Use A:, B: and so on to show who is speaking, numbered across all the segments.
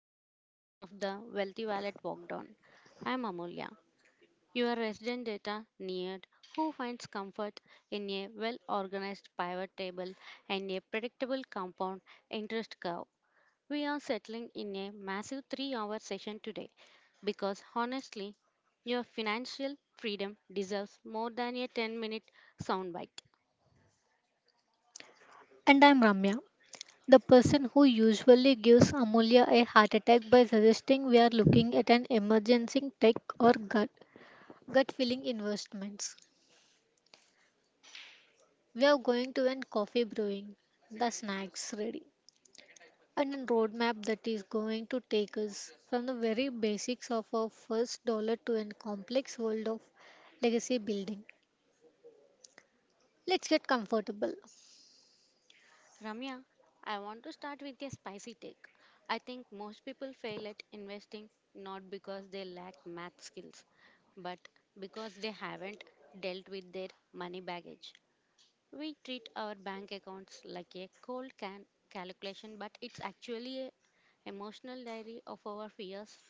A: Marathon session of the Wealthy Wallet Walked On. I'm Amulya, your resident data nerd who finds comfort in a well organized pivot table and a predictable compound interest curve. We are settling in a massive 3 hour session today because honestly, your financial freedom deserves more than a 10-minute soundbite.
B: And I'm Ramya, the person who usually gives Amulya a heart attack by suggesting we are looking at an emergency tech or gut feeling investments. We are going to end coffee brewing, the snacks ready, and a roadmap that is going to take us from the very basics of our first dollar to a complex world of legacy building. Let's get comfortable.
A: Ramya, I want to start with a spicy take. I think most people fail at investing not because they lack math skills, but because they haven't dealt with their money baggage. We treat our bank accounts like a cold can calculation, but it's actually a emotional diary of our fears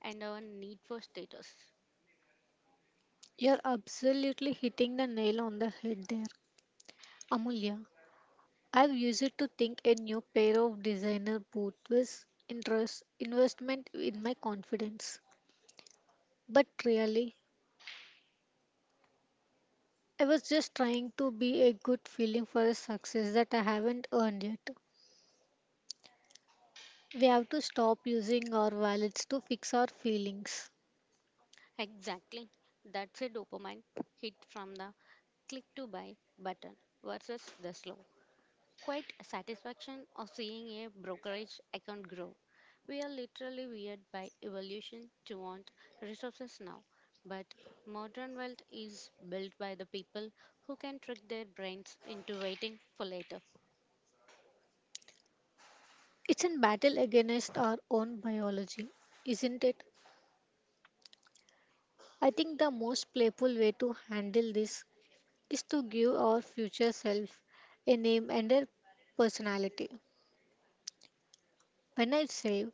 A: and our need for status.
B: You're absolutely hitting the nail on the head there, Amulya. I've used it to think a new pair of designer boots was interest investment in my confidence. But really, I was just trying to be a good feeling for a success that I haven't earned yet. We have to stop using our wallets to fix our feelings.
A: Exactly. That's a dopamine hit from the click to buy button versus the slow quite a satisfaction of seeing a brokerage account grow. We are literally wired by evolution to want resources now, but modern wealth is built by the people who can trick their brains into waiting for later.
B: It's a battle against our own biology, isn't it? I think the most playful way to handle this is to give our future self a name and a personality. When I save,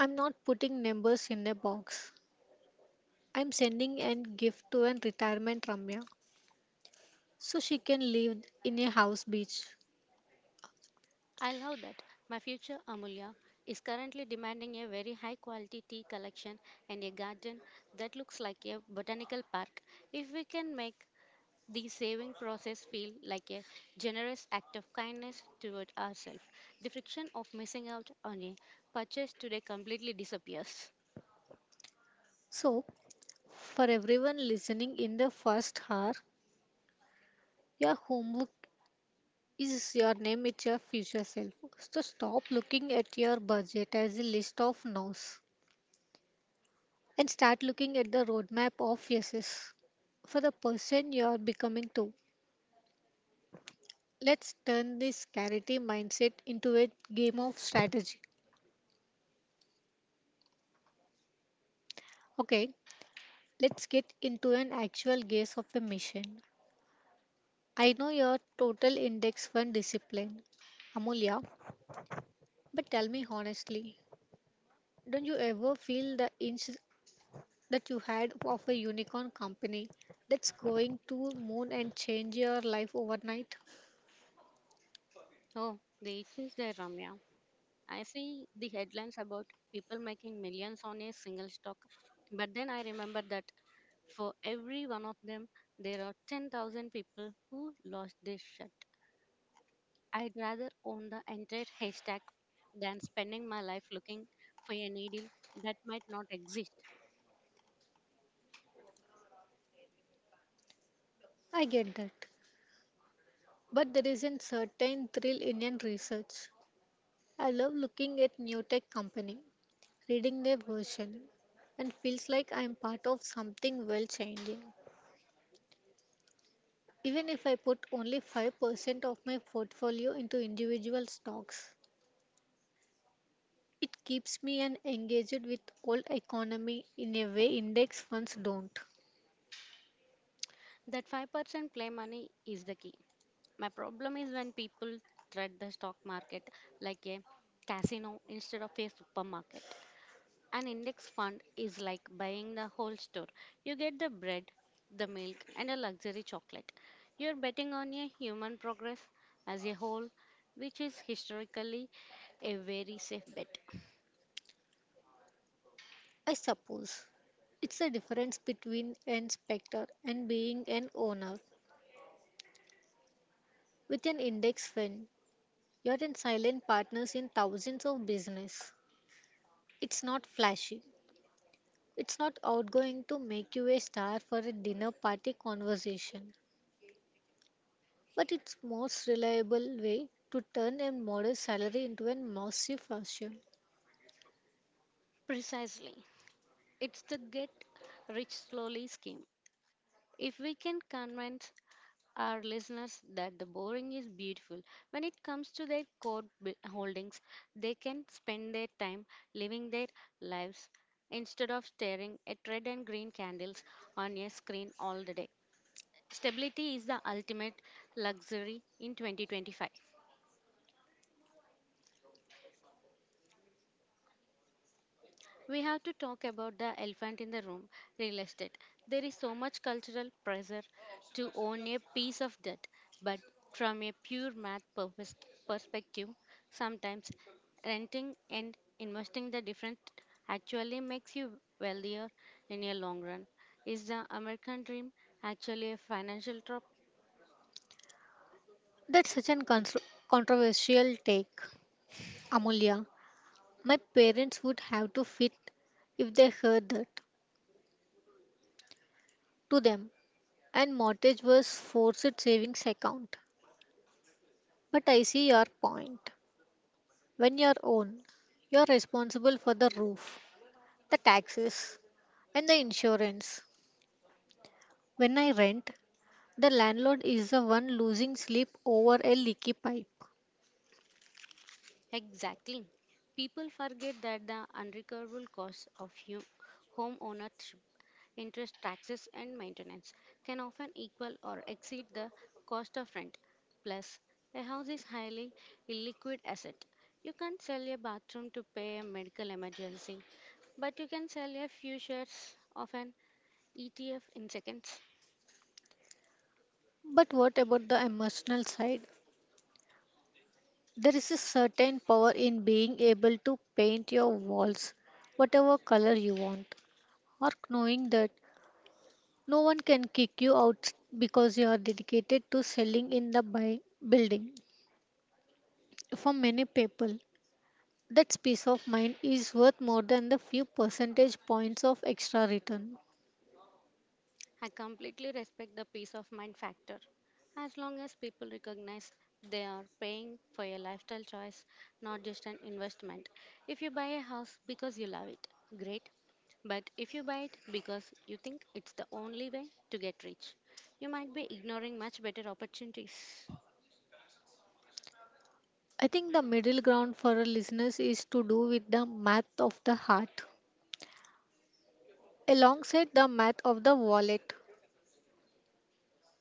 B: I'm not putting numbers in a box. I'm sending a gift to a retirement Ramya so she can live in a house beach.
A: I love that my future Amulya is currently demanding a very high quality tea collection and a garden that looks like a botanical park. If we can make the saving process feels like a generous act of kindness toward ourselves. The friction of missing out on a purchase today completely disappears.
B: So, for everyone listening in the first hour, your homework is your name, it's your future self. So, stop looking at your budget as a list of no's and start looking at the roadmap of yeses for the person you are becoming to. Let's turn this charity mindset into a game of strategy. Okay, let's get into an actual guess of a mission. I know your total index fund discipline, Amulya, but tell me honestly, don't you ever feel the inch that you had of a unicorn company that's going to moon and change your life overnight?
A: Oh, the itch is there, Ramya. I see the headlines about people making millions on a single stock, but then I remember that for every one of them, there are 10,000 people who lost their shirt. I'd rather own the entire haystack than spending my life looking for a needle that might not exist.
B: I get that, but there is a certain thrill in your research. I love looking at new tech company, reading their version, and feels like I'm part of something well changing. Even if I put only 5% of my portfolio into individual stocks, it keeps me an engaged with old economy in a way index funds don't.
A: That 5% play money is the key. My problem is when people treat the stock market like a casino instead of a supermarket. An index fund is like buying the whole store. You get the bread, the milk, and a luxury chocolate. You're betting on a human progress as a whole, which is historically a very safe bet.
B: I suppose it's the difference between an specter and being an owner. With an index fund, you're in silent partners in thousands of business. It's not flashy. It's not outgoing to make you a star for a dinner party conversation, but it's most reliable way to turn a modest salary into a massive fortune.
A: Precisely. It's the get rich slowly scheme. If we can convince our listeners that the boring is beautiful. When it comes to their holdings, they can spend their time living their lives instead of staring at red and green candles on a screen all the day. Stability is the ultimate luxury in 2025. We have to talk about the elephant in the room real estate. There is so much cultural pressure to own a piece of debt, but from a pure math purpose perspective, sometimes renting and investing the different actually makes you wealthier in your long run. Is the American dream actually a financial trap?
B: That's such a controversial take, Amulya. My parents would have to fit if they heard that to them, and mortgage was forced savings account. But I see your point. When you're own, you're responsible for the roof, the taxes, and the insurance. When I rent, the landlord is the one losing sleep over a leaky pipe.
A: Exactly. People forget that the unrecoverable cost of home ownership interest, taxes, and maintenance can often equal or exceed the cost of rent. Plus, a house is highly illiquid asset. You can't sell your bathroom to pay a medical emergency, but you can sell a few shares of an ETF in seconds.
B: But what about the emotional side? There is a certain power in being able to paint your walls whatever color you want, or knowing that no one can kick you out because you are dedicated to selling in the building. For many people, that peace of mind is worth more than the few percentage points of extra return.
A: I completely respect the peace of mind factor. As long as people recognize they are paying for a lifestyle choice, not just an investment. If you buy a house because you love it, great. But if you buy it because you think it's the only way to get rich, you might be ignoring much better opportunities.
B: I think the middle ground for our listeners is to do with the math of the heart alongside the math of the wallet.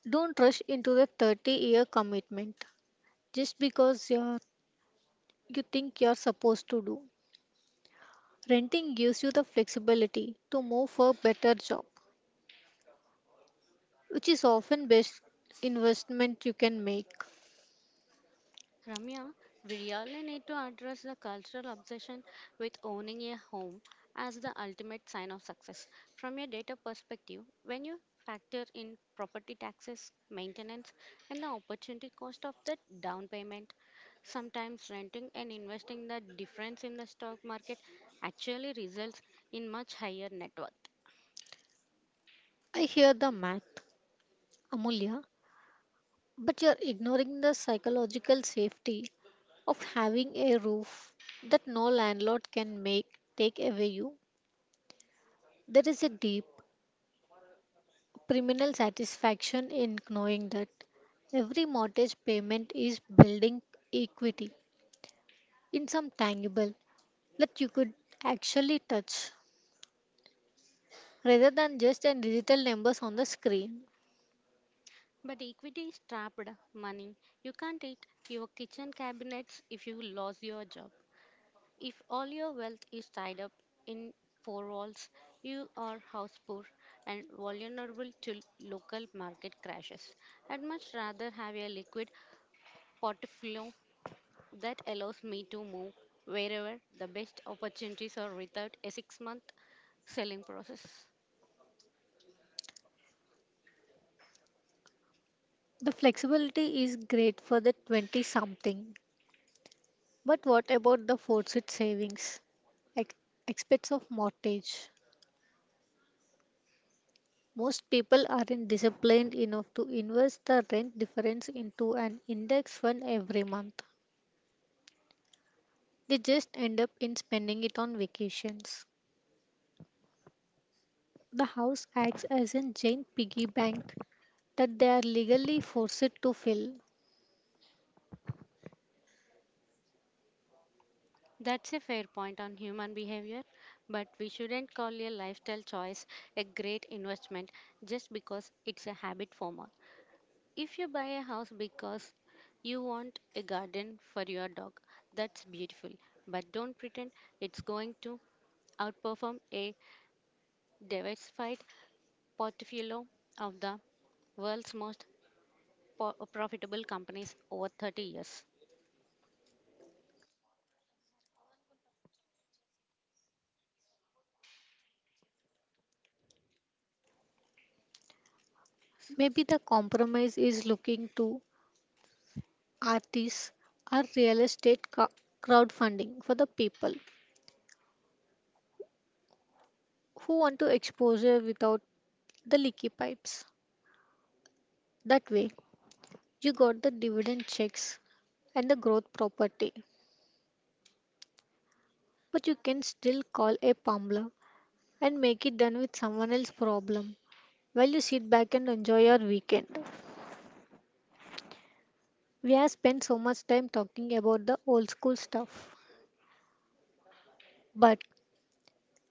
B: Don't rush into a 30-year commitment just because you think you're supposed to do. Renting gives you the flexibility to move for a better job, which is often best investment you can make.
A: Ramya, we really need to address the cultural obsession with owning a home as the ultimate sign of success. From a data perspective, when you factor in property taxes, maintenance, and the opportunity cost of the down payment, sometimes renting and investing the difference in the stock market actually results in much higher net worth.
B: I hear the math, Amulya, but you're ignoring the psychological safety of having a roof that no landlord can make take away you. There is a deep criminal satisfaction in knowing that every mortgage payment is building equity in some tangible that you could actually touch rather than just in digital numbers on the screen.
A: But equity is trapped money. You can't eat your kitchen cabinets if you lose your job. If all your wealth is tied up in four walls, you are house poor and vulnerable to local market crashes. I'd much rather have a liquid portfolio that allows me to move wherever the best opportunities are without a 6 month selling process.
B: The flexibility is great for the 20 something, but what about the forced savings? Ex- aspects of mortgage. Most people aren't disciplined enough to invest the rent difference into an index fund every month. They just end up in spending it on vacations. The house acts as a giant piggy bank that they are legally forced to fill.
A: That's a fair point on human behavior, but we shouldn't call a lifestyle choice a great investment just because it's a habit former. If you buy a house because you want a garden for your dog, that's beautiful. But don't pretend it's going to outperform a diversified portfolio of the world's most profitable companies over 30 years.
B: Maybe the compromise is looking to artists or real estate crowdfunding for the people who want to exposure without the leaky pipes. That way, you got the dividend checks and the growth property, but you can still call a pumbler and make it done with someone else's problem while you sit back and enjoy your weekend. We have spent so much time talking about the old school stuff, but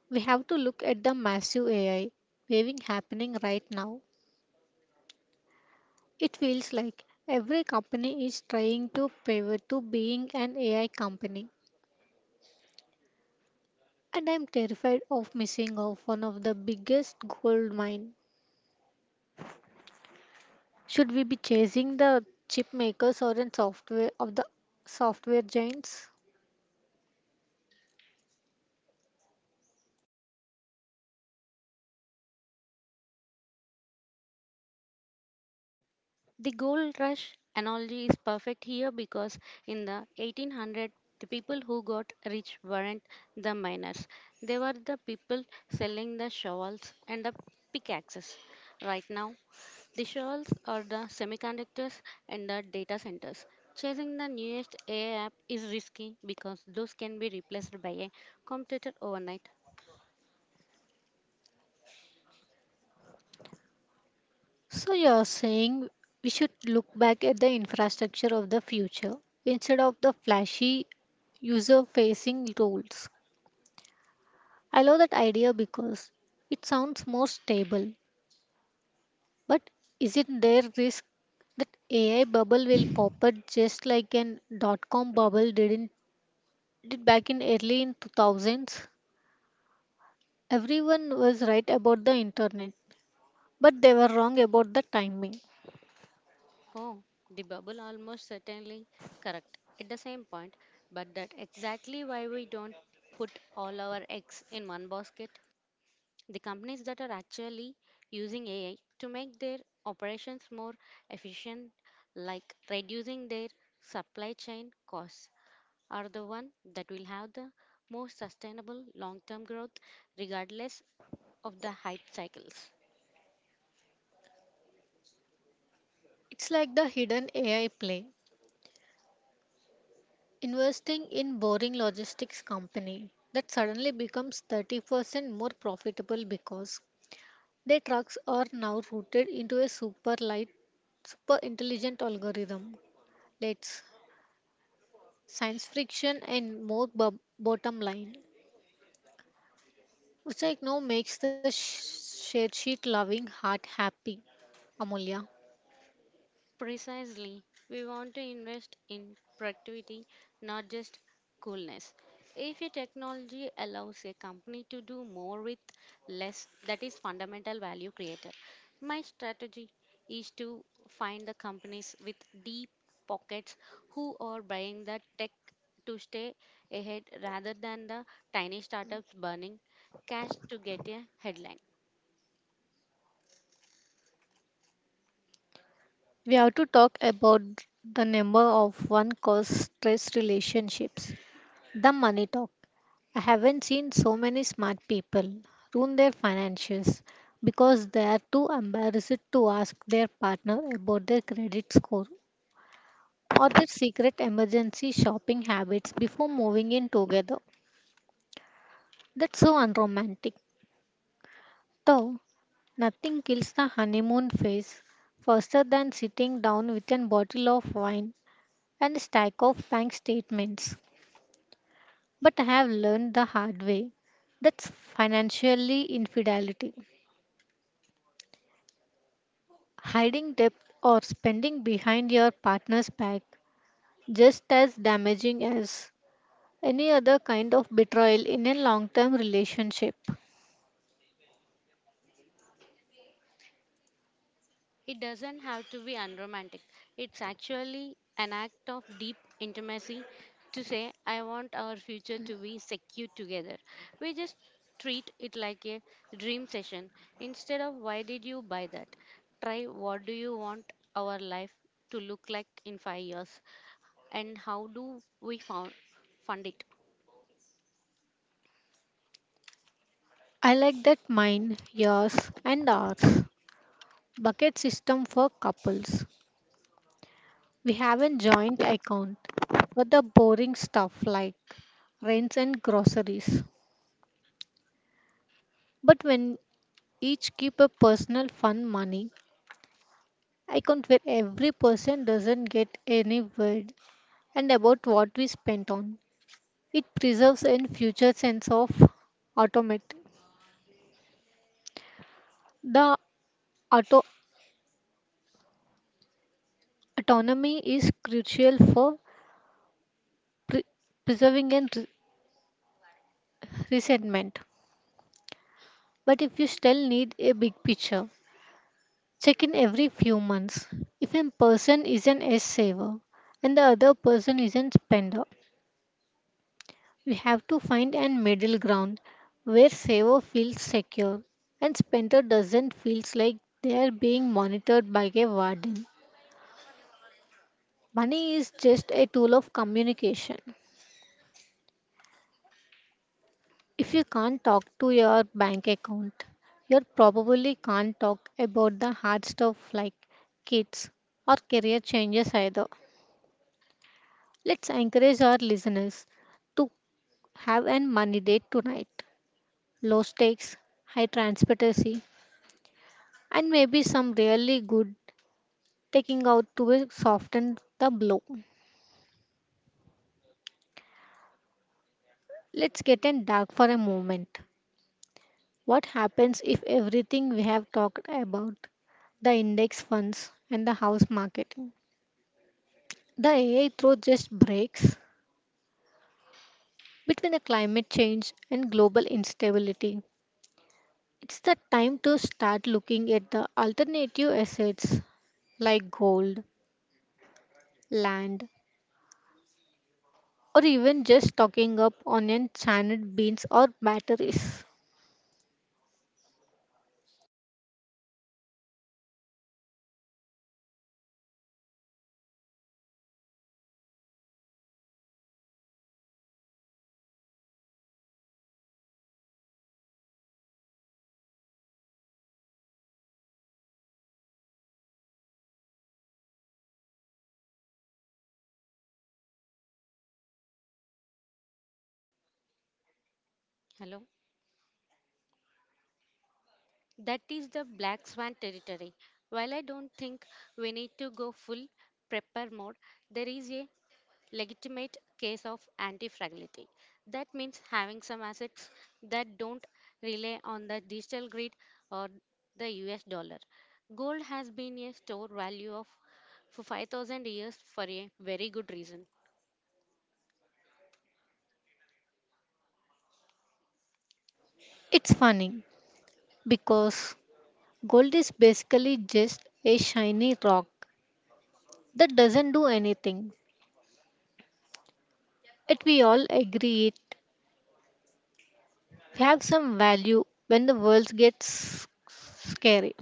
B: we have to look at the massive AI waving happening right now. It feels like every company is trying to pivot to being an AI company, and I'm terrified of missing off one of the biggest gold mine. Should we be chasing the chip makers or in software of the software giants?
A: The gold rush analogy is perfect here because in the 1800 the people who got rich weren't the miners. They were the people selling the shovels and the pickaxes. Right now, the shells are the semiconductors and the data centers. Chasing the newest AI app is risky because those can be replaced by a competitor overnight.
B: So you're saying we should look back at the infrastructure of the future instead of the flashy user facing roles. I love that idea because it sounds more stable. But isn't there risk that AI bubble will pop up just like .com bubble didn't did back in early in 2000s? Everyone was right about the internet, but they were wrong about the timing.
A: Oh, the bubble almost certainly correct at the same point, but that exactly why we don't put all our eggs in one basket. The companies that are actually using AI to make their operations more efficient, like reducing their supply chain costs are the one that will have the most sustainable long term growth regardless of the hype cycles.
B: It's like the hidden AI play. Investing in boring logistics company that suddenly becomes 30% more profitable because their trucks are now routed into a super light super intelligent algorithm. Let's science friction and more bottom line, which I know makes the share sheet loving heart happy. Amulya,
A: Precisely, we want to invest in productivity, not just coolness. If a technology allows a company to do more with less, that is fundamental value creator. My strategy is to find the companies with deep pockets who are buying the tech to stay ahead rather than the tiny startups burning cash to get a headline.
B: we have to talk about the number of one cause stress relationships, the money talk. I haven't seen so many smart people ruin their finances because they are too embarrassed to ask their partner about their credit score or their secret emergency shopping habits before moving in together. That's so unromantic. Though, nothing kills the honeymoon phase faster than sitting down with a bottle of wine and a stack of bank statements. But I have learned the hard way that's financially infidelity. Hiding depth or spending behind your partner's back just as damaging as any other kind of betrayal in a long-term relationship.
A: It doesn't have to be unromantic. It's actually an act of deep intimacy to say, I want our future to be secure together. We just treat it like a dream session instead of why did you buy that? Try what do you want our life to look like in 5 years and how do fund it?
B: I like that mine, yours and ours bucket system for couples. We have a joint account for the boring stuff like rents and groceries. But when each keep a personal fund money, I count where every person doesn't get any word and about what we spent on. It preserves in future sense of automate. The auto- autonomy is crucial for pre- preserving and resentment. But if you still need a big picture, check in every few months. If a person is an S saver and the other person is a spender, we have to find a middle ground where saver feels secure and spender doesn't feels like they are being monitored by a warden. Money is just a tool of communication. If you can't talk to your bank account, you probably can't talk about the hard stuff like kids or career changes either. Let's encourage our listeners to have a money date tonight. Low stakes, high transparency, and maybe some really good taking out to soften the blow. Let's get in dark for a moment. What happens if everything we have talked about, the index funds and the house market, the AI throw just breaks between the climate change and global instability? It's the time to start looking at the alternative assets like gold, land, or even just stocking up on enchanted beans or batteries.
A: Hello. That is the black swan territory. While I don't think we need to go full prepper mode, there is a legitimate case of anti-fragility. That means having some assets that don't rely on the digital grid or the US dollar. Gold has been a store value of for 5000 years for a very good reason.
B: It's funny because gold is basically just a shiny rock that doesn't do anything. Yet we all agree it have some value when the world gets scary.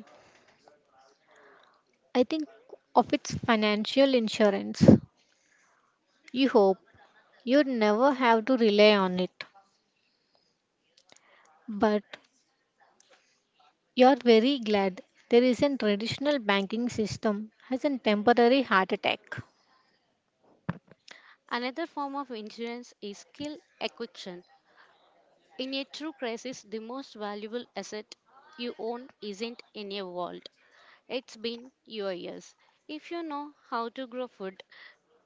B: I think of its financial insurance. You hope you never have to rely on it, but you're very glad there isn't traditional banking system has a temporary heart attack.
A: Another form of insurance is skill acquisition. In a true crisis, the most valuable asset you own isn't in a vault. It's been your years. If you know how to grow food,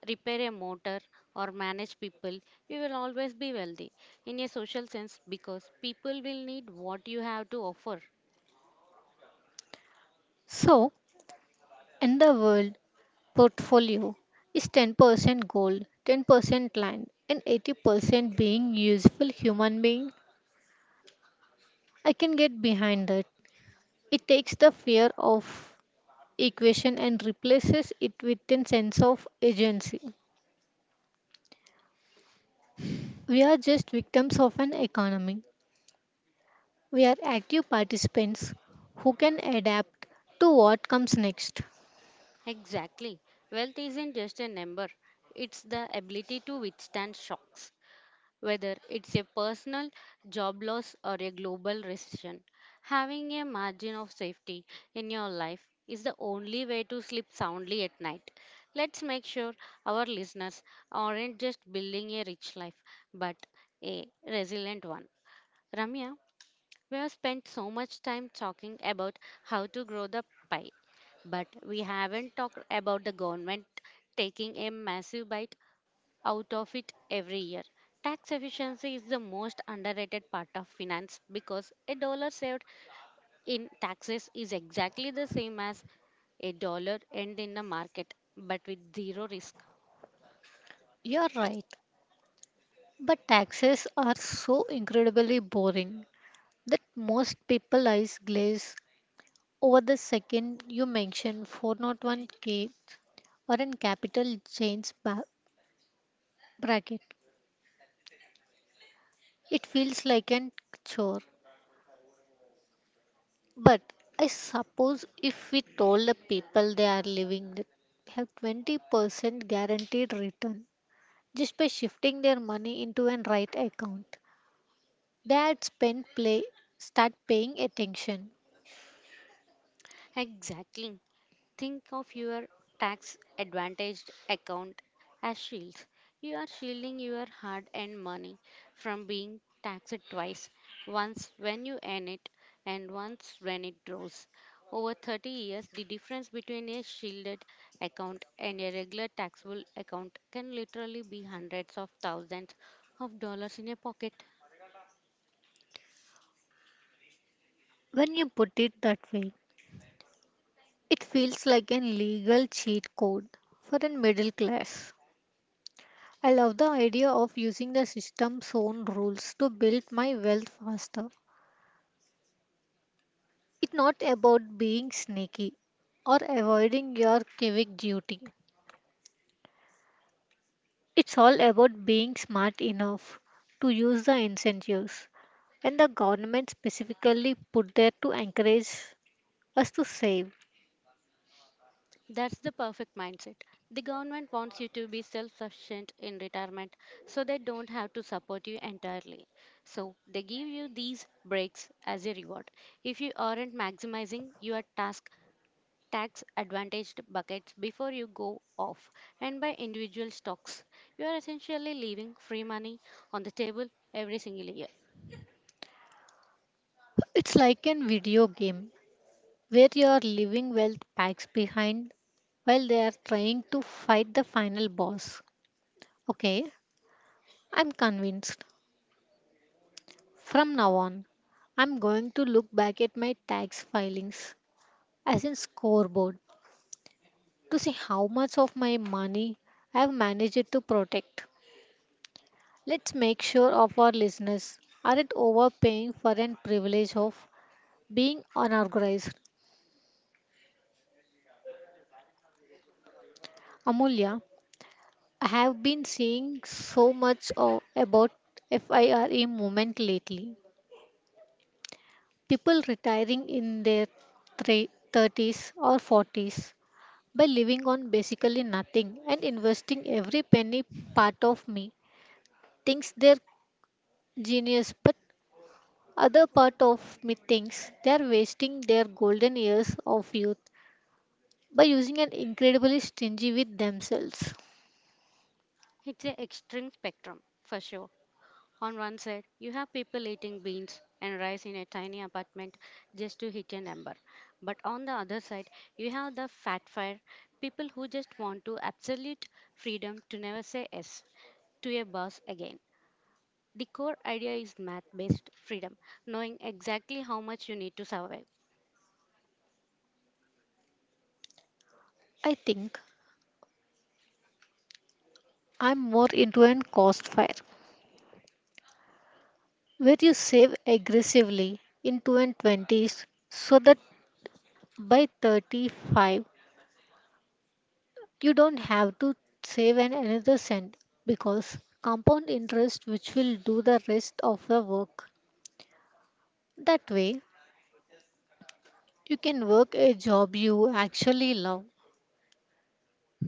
A: repair a motor, or manage people, you will always be wealthy in a social sense because people will need what you have to offer.
B: So, in the world, portfolio is 10% gold, 10% land, and 80% being useful human being. I can get behind that. It takes the fear of equation and replaces it with a sense of agency. We are just victims of an economy. We are active participants who can adapt to what comes next.
A: Exactly. Wealth isn't just a number, it's the ability to withstand shocks. Whether it's a personal job loss or a global recession, having a margin of safety in your life is the only way to sleep soundly at night. Let's make sure our listeners aren't just building a rich life, but a resilient one. Ramya, we have spent so much time talking about how to grow the pie, but we haven't talked about the government taking a massive bite out of it every year. Tax efficiency is the most underrated part of finance because a dollar saved in taxes is exactly the same as a dollar earned in the market but with zero risk.
B: You're right. But taxes are so incredibly boring that most people eyes glaze over the second you mention 401k or an capital gains bracket. It feels like an chore. But I suppose if we told the people they are living with, they have 20% guaranteed return just by shifting their money into an right account, they'd spend play start paying attention.
A: Exactly. Think of your tax advantaged account as shields. You are shielding your hard earned money from being taxed twice once when you earn it and once when it grows. Over 30 years, the difference between a shielded account and a regular taxable account can literally be hundreds of thousands of dollars in a pocket.
B: When you put it that way, it feels like an legal cheat code for a middle class. I love the idea of using the system's own rules to build my wealth faster. It's not about being sneaky or avoiding your civic duty. It's all about being smart enough to use the incentives when the government specifically put there to encourage us to save.
A: That's the perfect mindset. The government wants you to be self sufficient in retirement so they don't have to support you entirely. So they give you these breaks as a reward. If you aren't maximizing your task tax advantaged buckets before you go off and buy individual stocks, you are essentially leaving free money on the table every single year.
B: It's like a video game where you are leaving wealth packs behind while they are trying to fight the final boss. Okay, I'm convinced. From now on, I'm going to look back at my tax filings as in scoreboard to see how much of my money I've managed to protect. Let's make sure of our listeners aren't overpaying for an privilege of being unorganized. Amulya, I have been seeing so much about FIRE movement lately. People retiring in their 30s or 40s by living on basically nothing and investing every penny part of me thinks their Genius, but other part of me thinks they are wasting their golden years of youth by using an incredibly stingy with themselves.
A: It's an extreme spectrum for sure. On one side, you have people eating beans and rice in a tiny apartment just to hit an ember. But on the other side, you have the fat fire, people who just want to absolute freedom to never say yes to a boss again. The core idea is math based freedom, knowing exactly how much you need to survive
B: I think I'm more into an cost fire where you save aggressively in 2 and 20s so that by 35 you don't have to save an another cent because compound interest which will do the rest of the work. That way you can work a job you actually love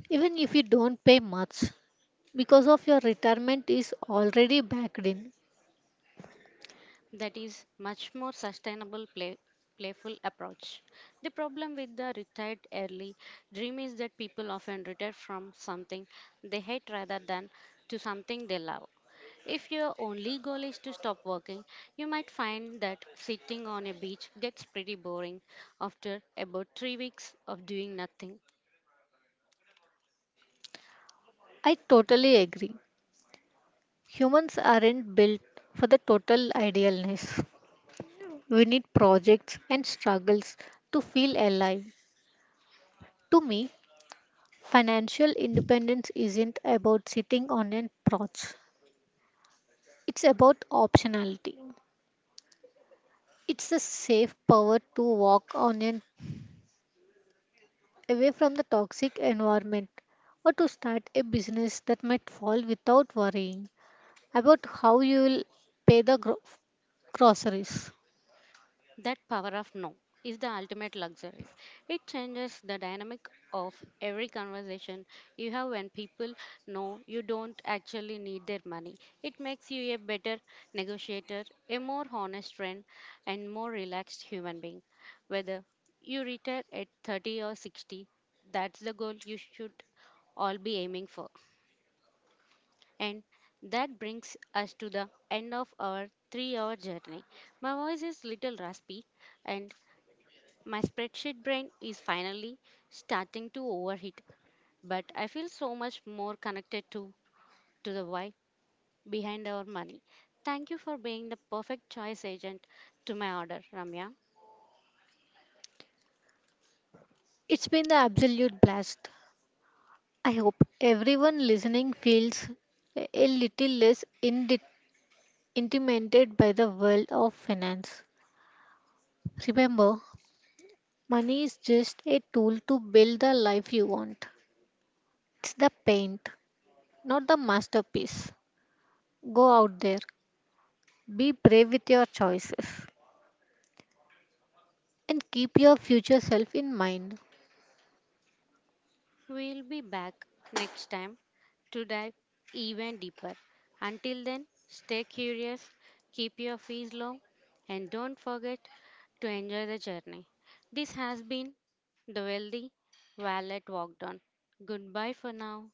B: even if you don't pay much because of your retirement is already backed in.
A: that is much more sustainable playful approach the problem with the retired early dream is that people often retire from something they hate rather than to something they love if your only goal is to stop working you might find that sitting on a beach gets pretty boring after about 3 weeks of doing nothing.
B: I totally agree. Humans aren't built for the total idealness. We need projects and struggles to feel alive. To me, financial independence isn't about sitting on a porch. It's about optionality. It's the safe power to walk on a away from the toxic environment or to start a business that might fall without worrying about how you will pay the groceries.
A: That power of no is the ultimate luxury. It changes the dynamic of every conversation you have when people know you don't actually need their money. It makes you a better negotiator, a more honest friend, and more relaxed human being. Whether you retire at 30 or 60, that's the goal you should all be aiming for. And that brings us to the end of our 3-hour journey. My voice is little raspy and my spreadsheet brain is finally starting to overheat, but I feel so much more connected to the why behind our money. Thank you for being the perfect choice agent to my order, Ramya.
B: It's been the absolute blast. I hope everyone listening feels a little less intimidated by the world of finance. Remember, money is just a tool to build the life you want. It's the paint, not the masterpiece. Go out there, be brave with your choices and keep your future self in mind.
A: We'll be back next time to dive even deeper. Until then, stay curious, keep your fees low, and don't forget to enjoy the journey. This has been the Wealthy Wallet Walked On. Goodbye for now.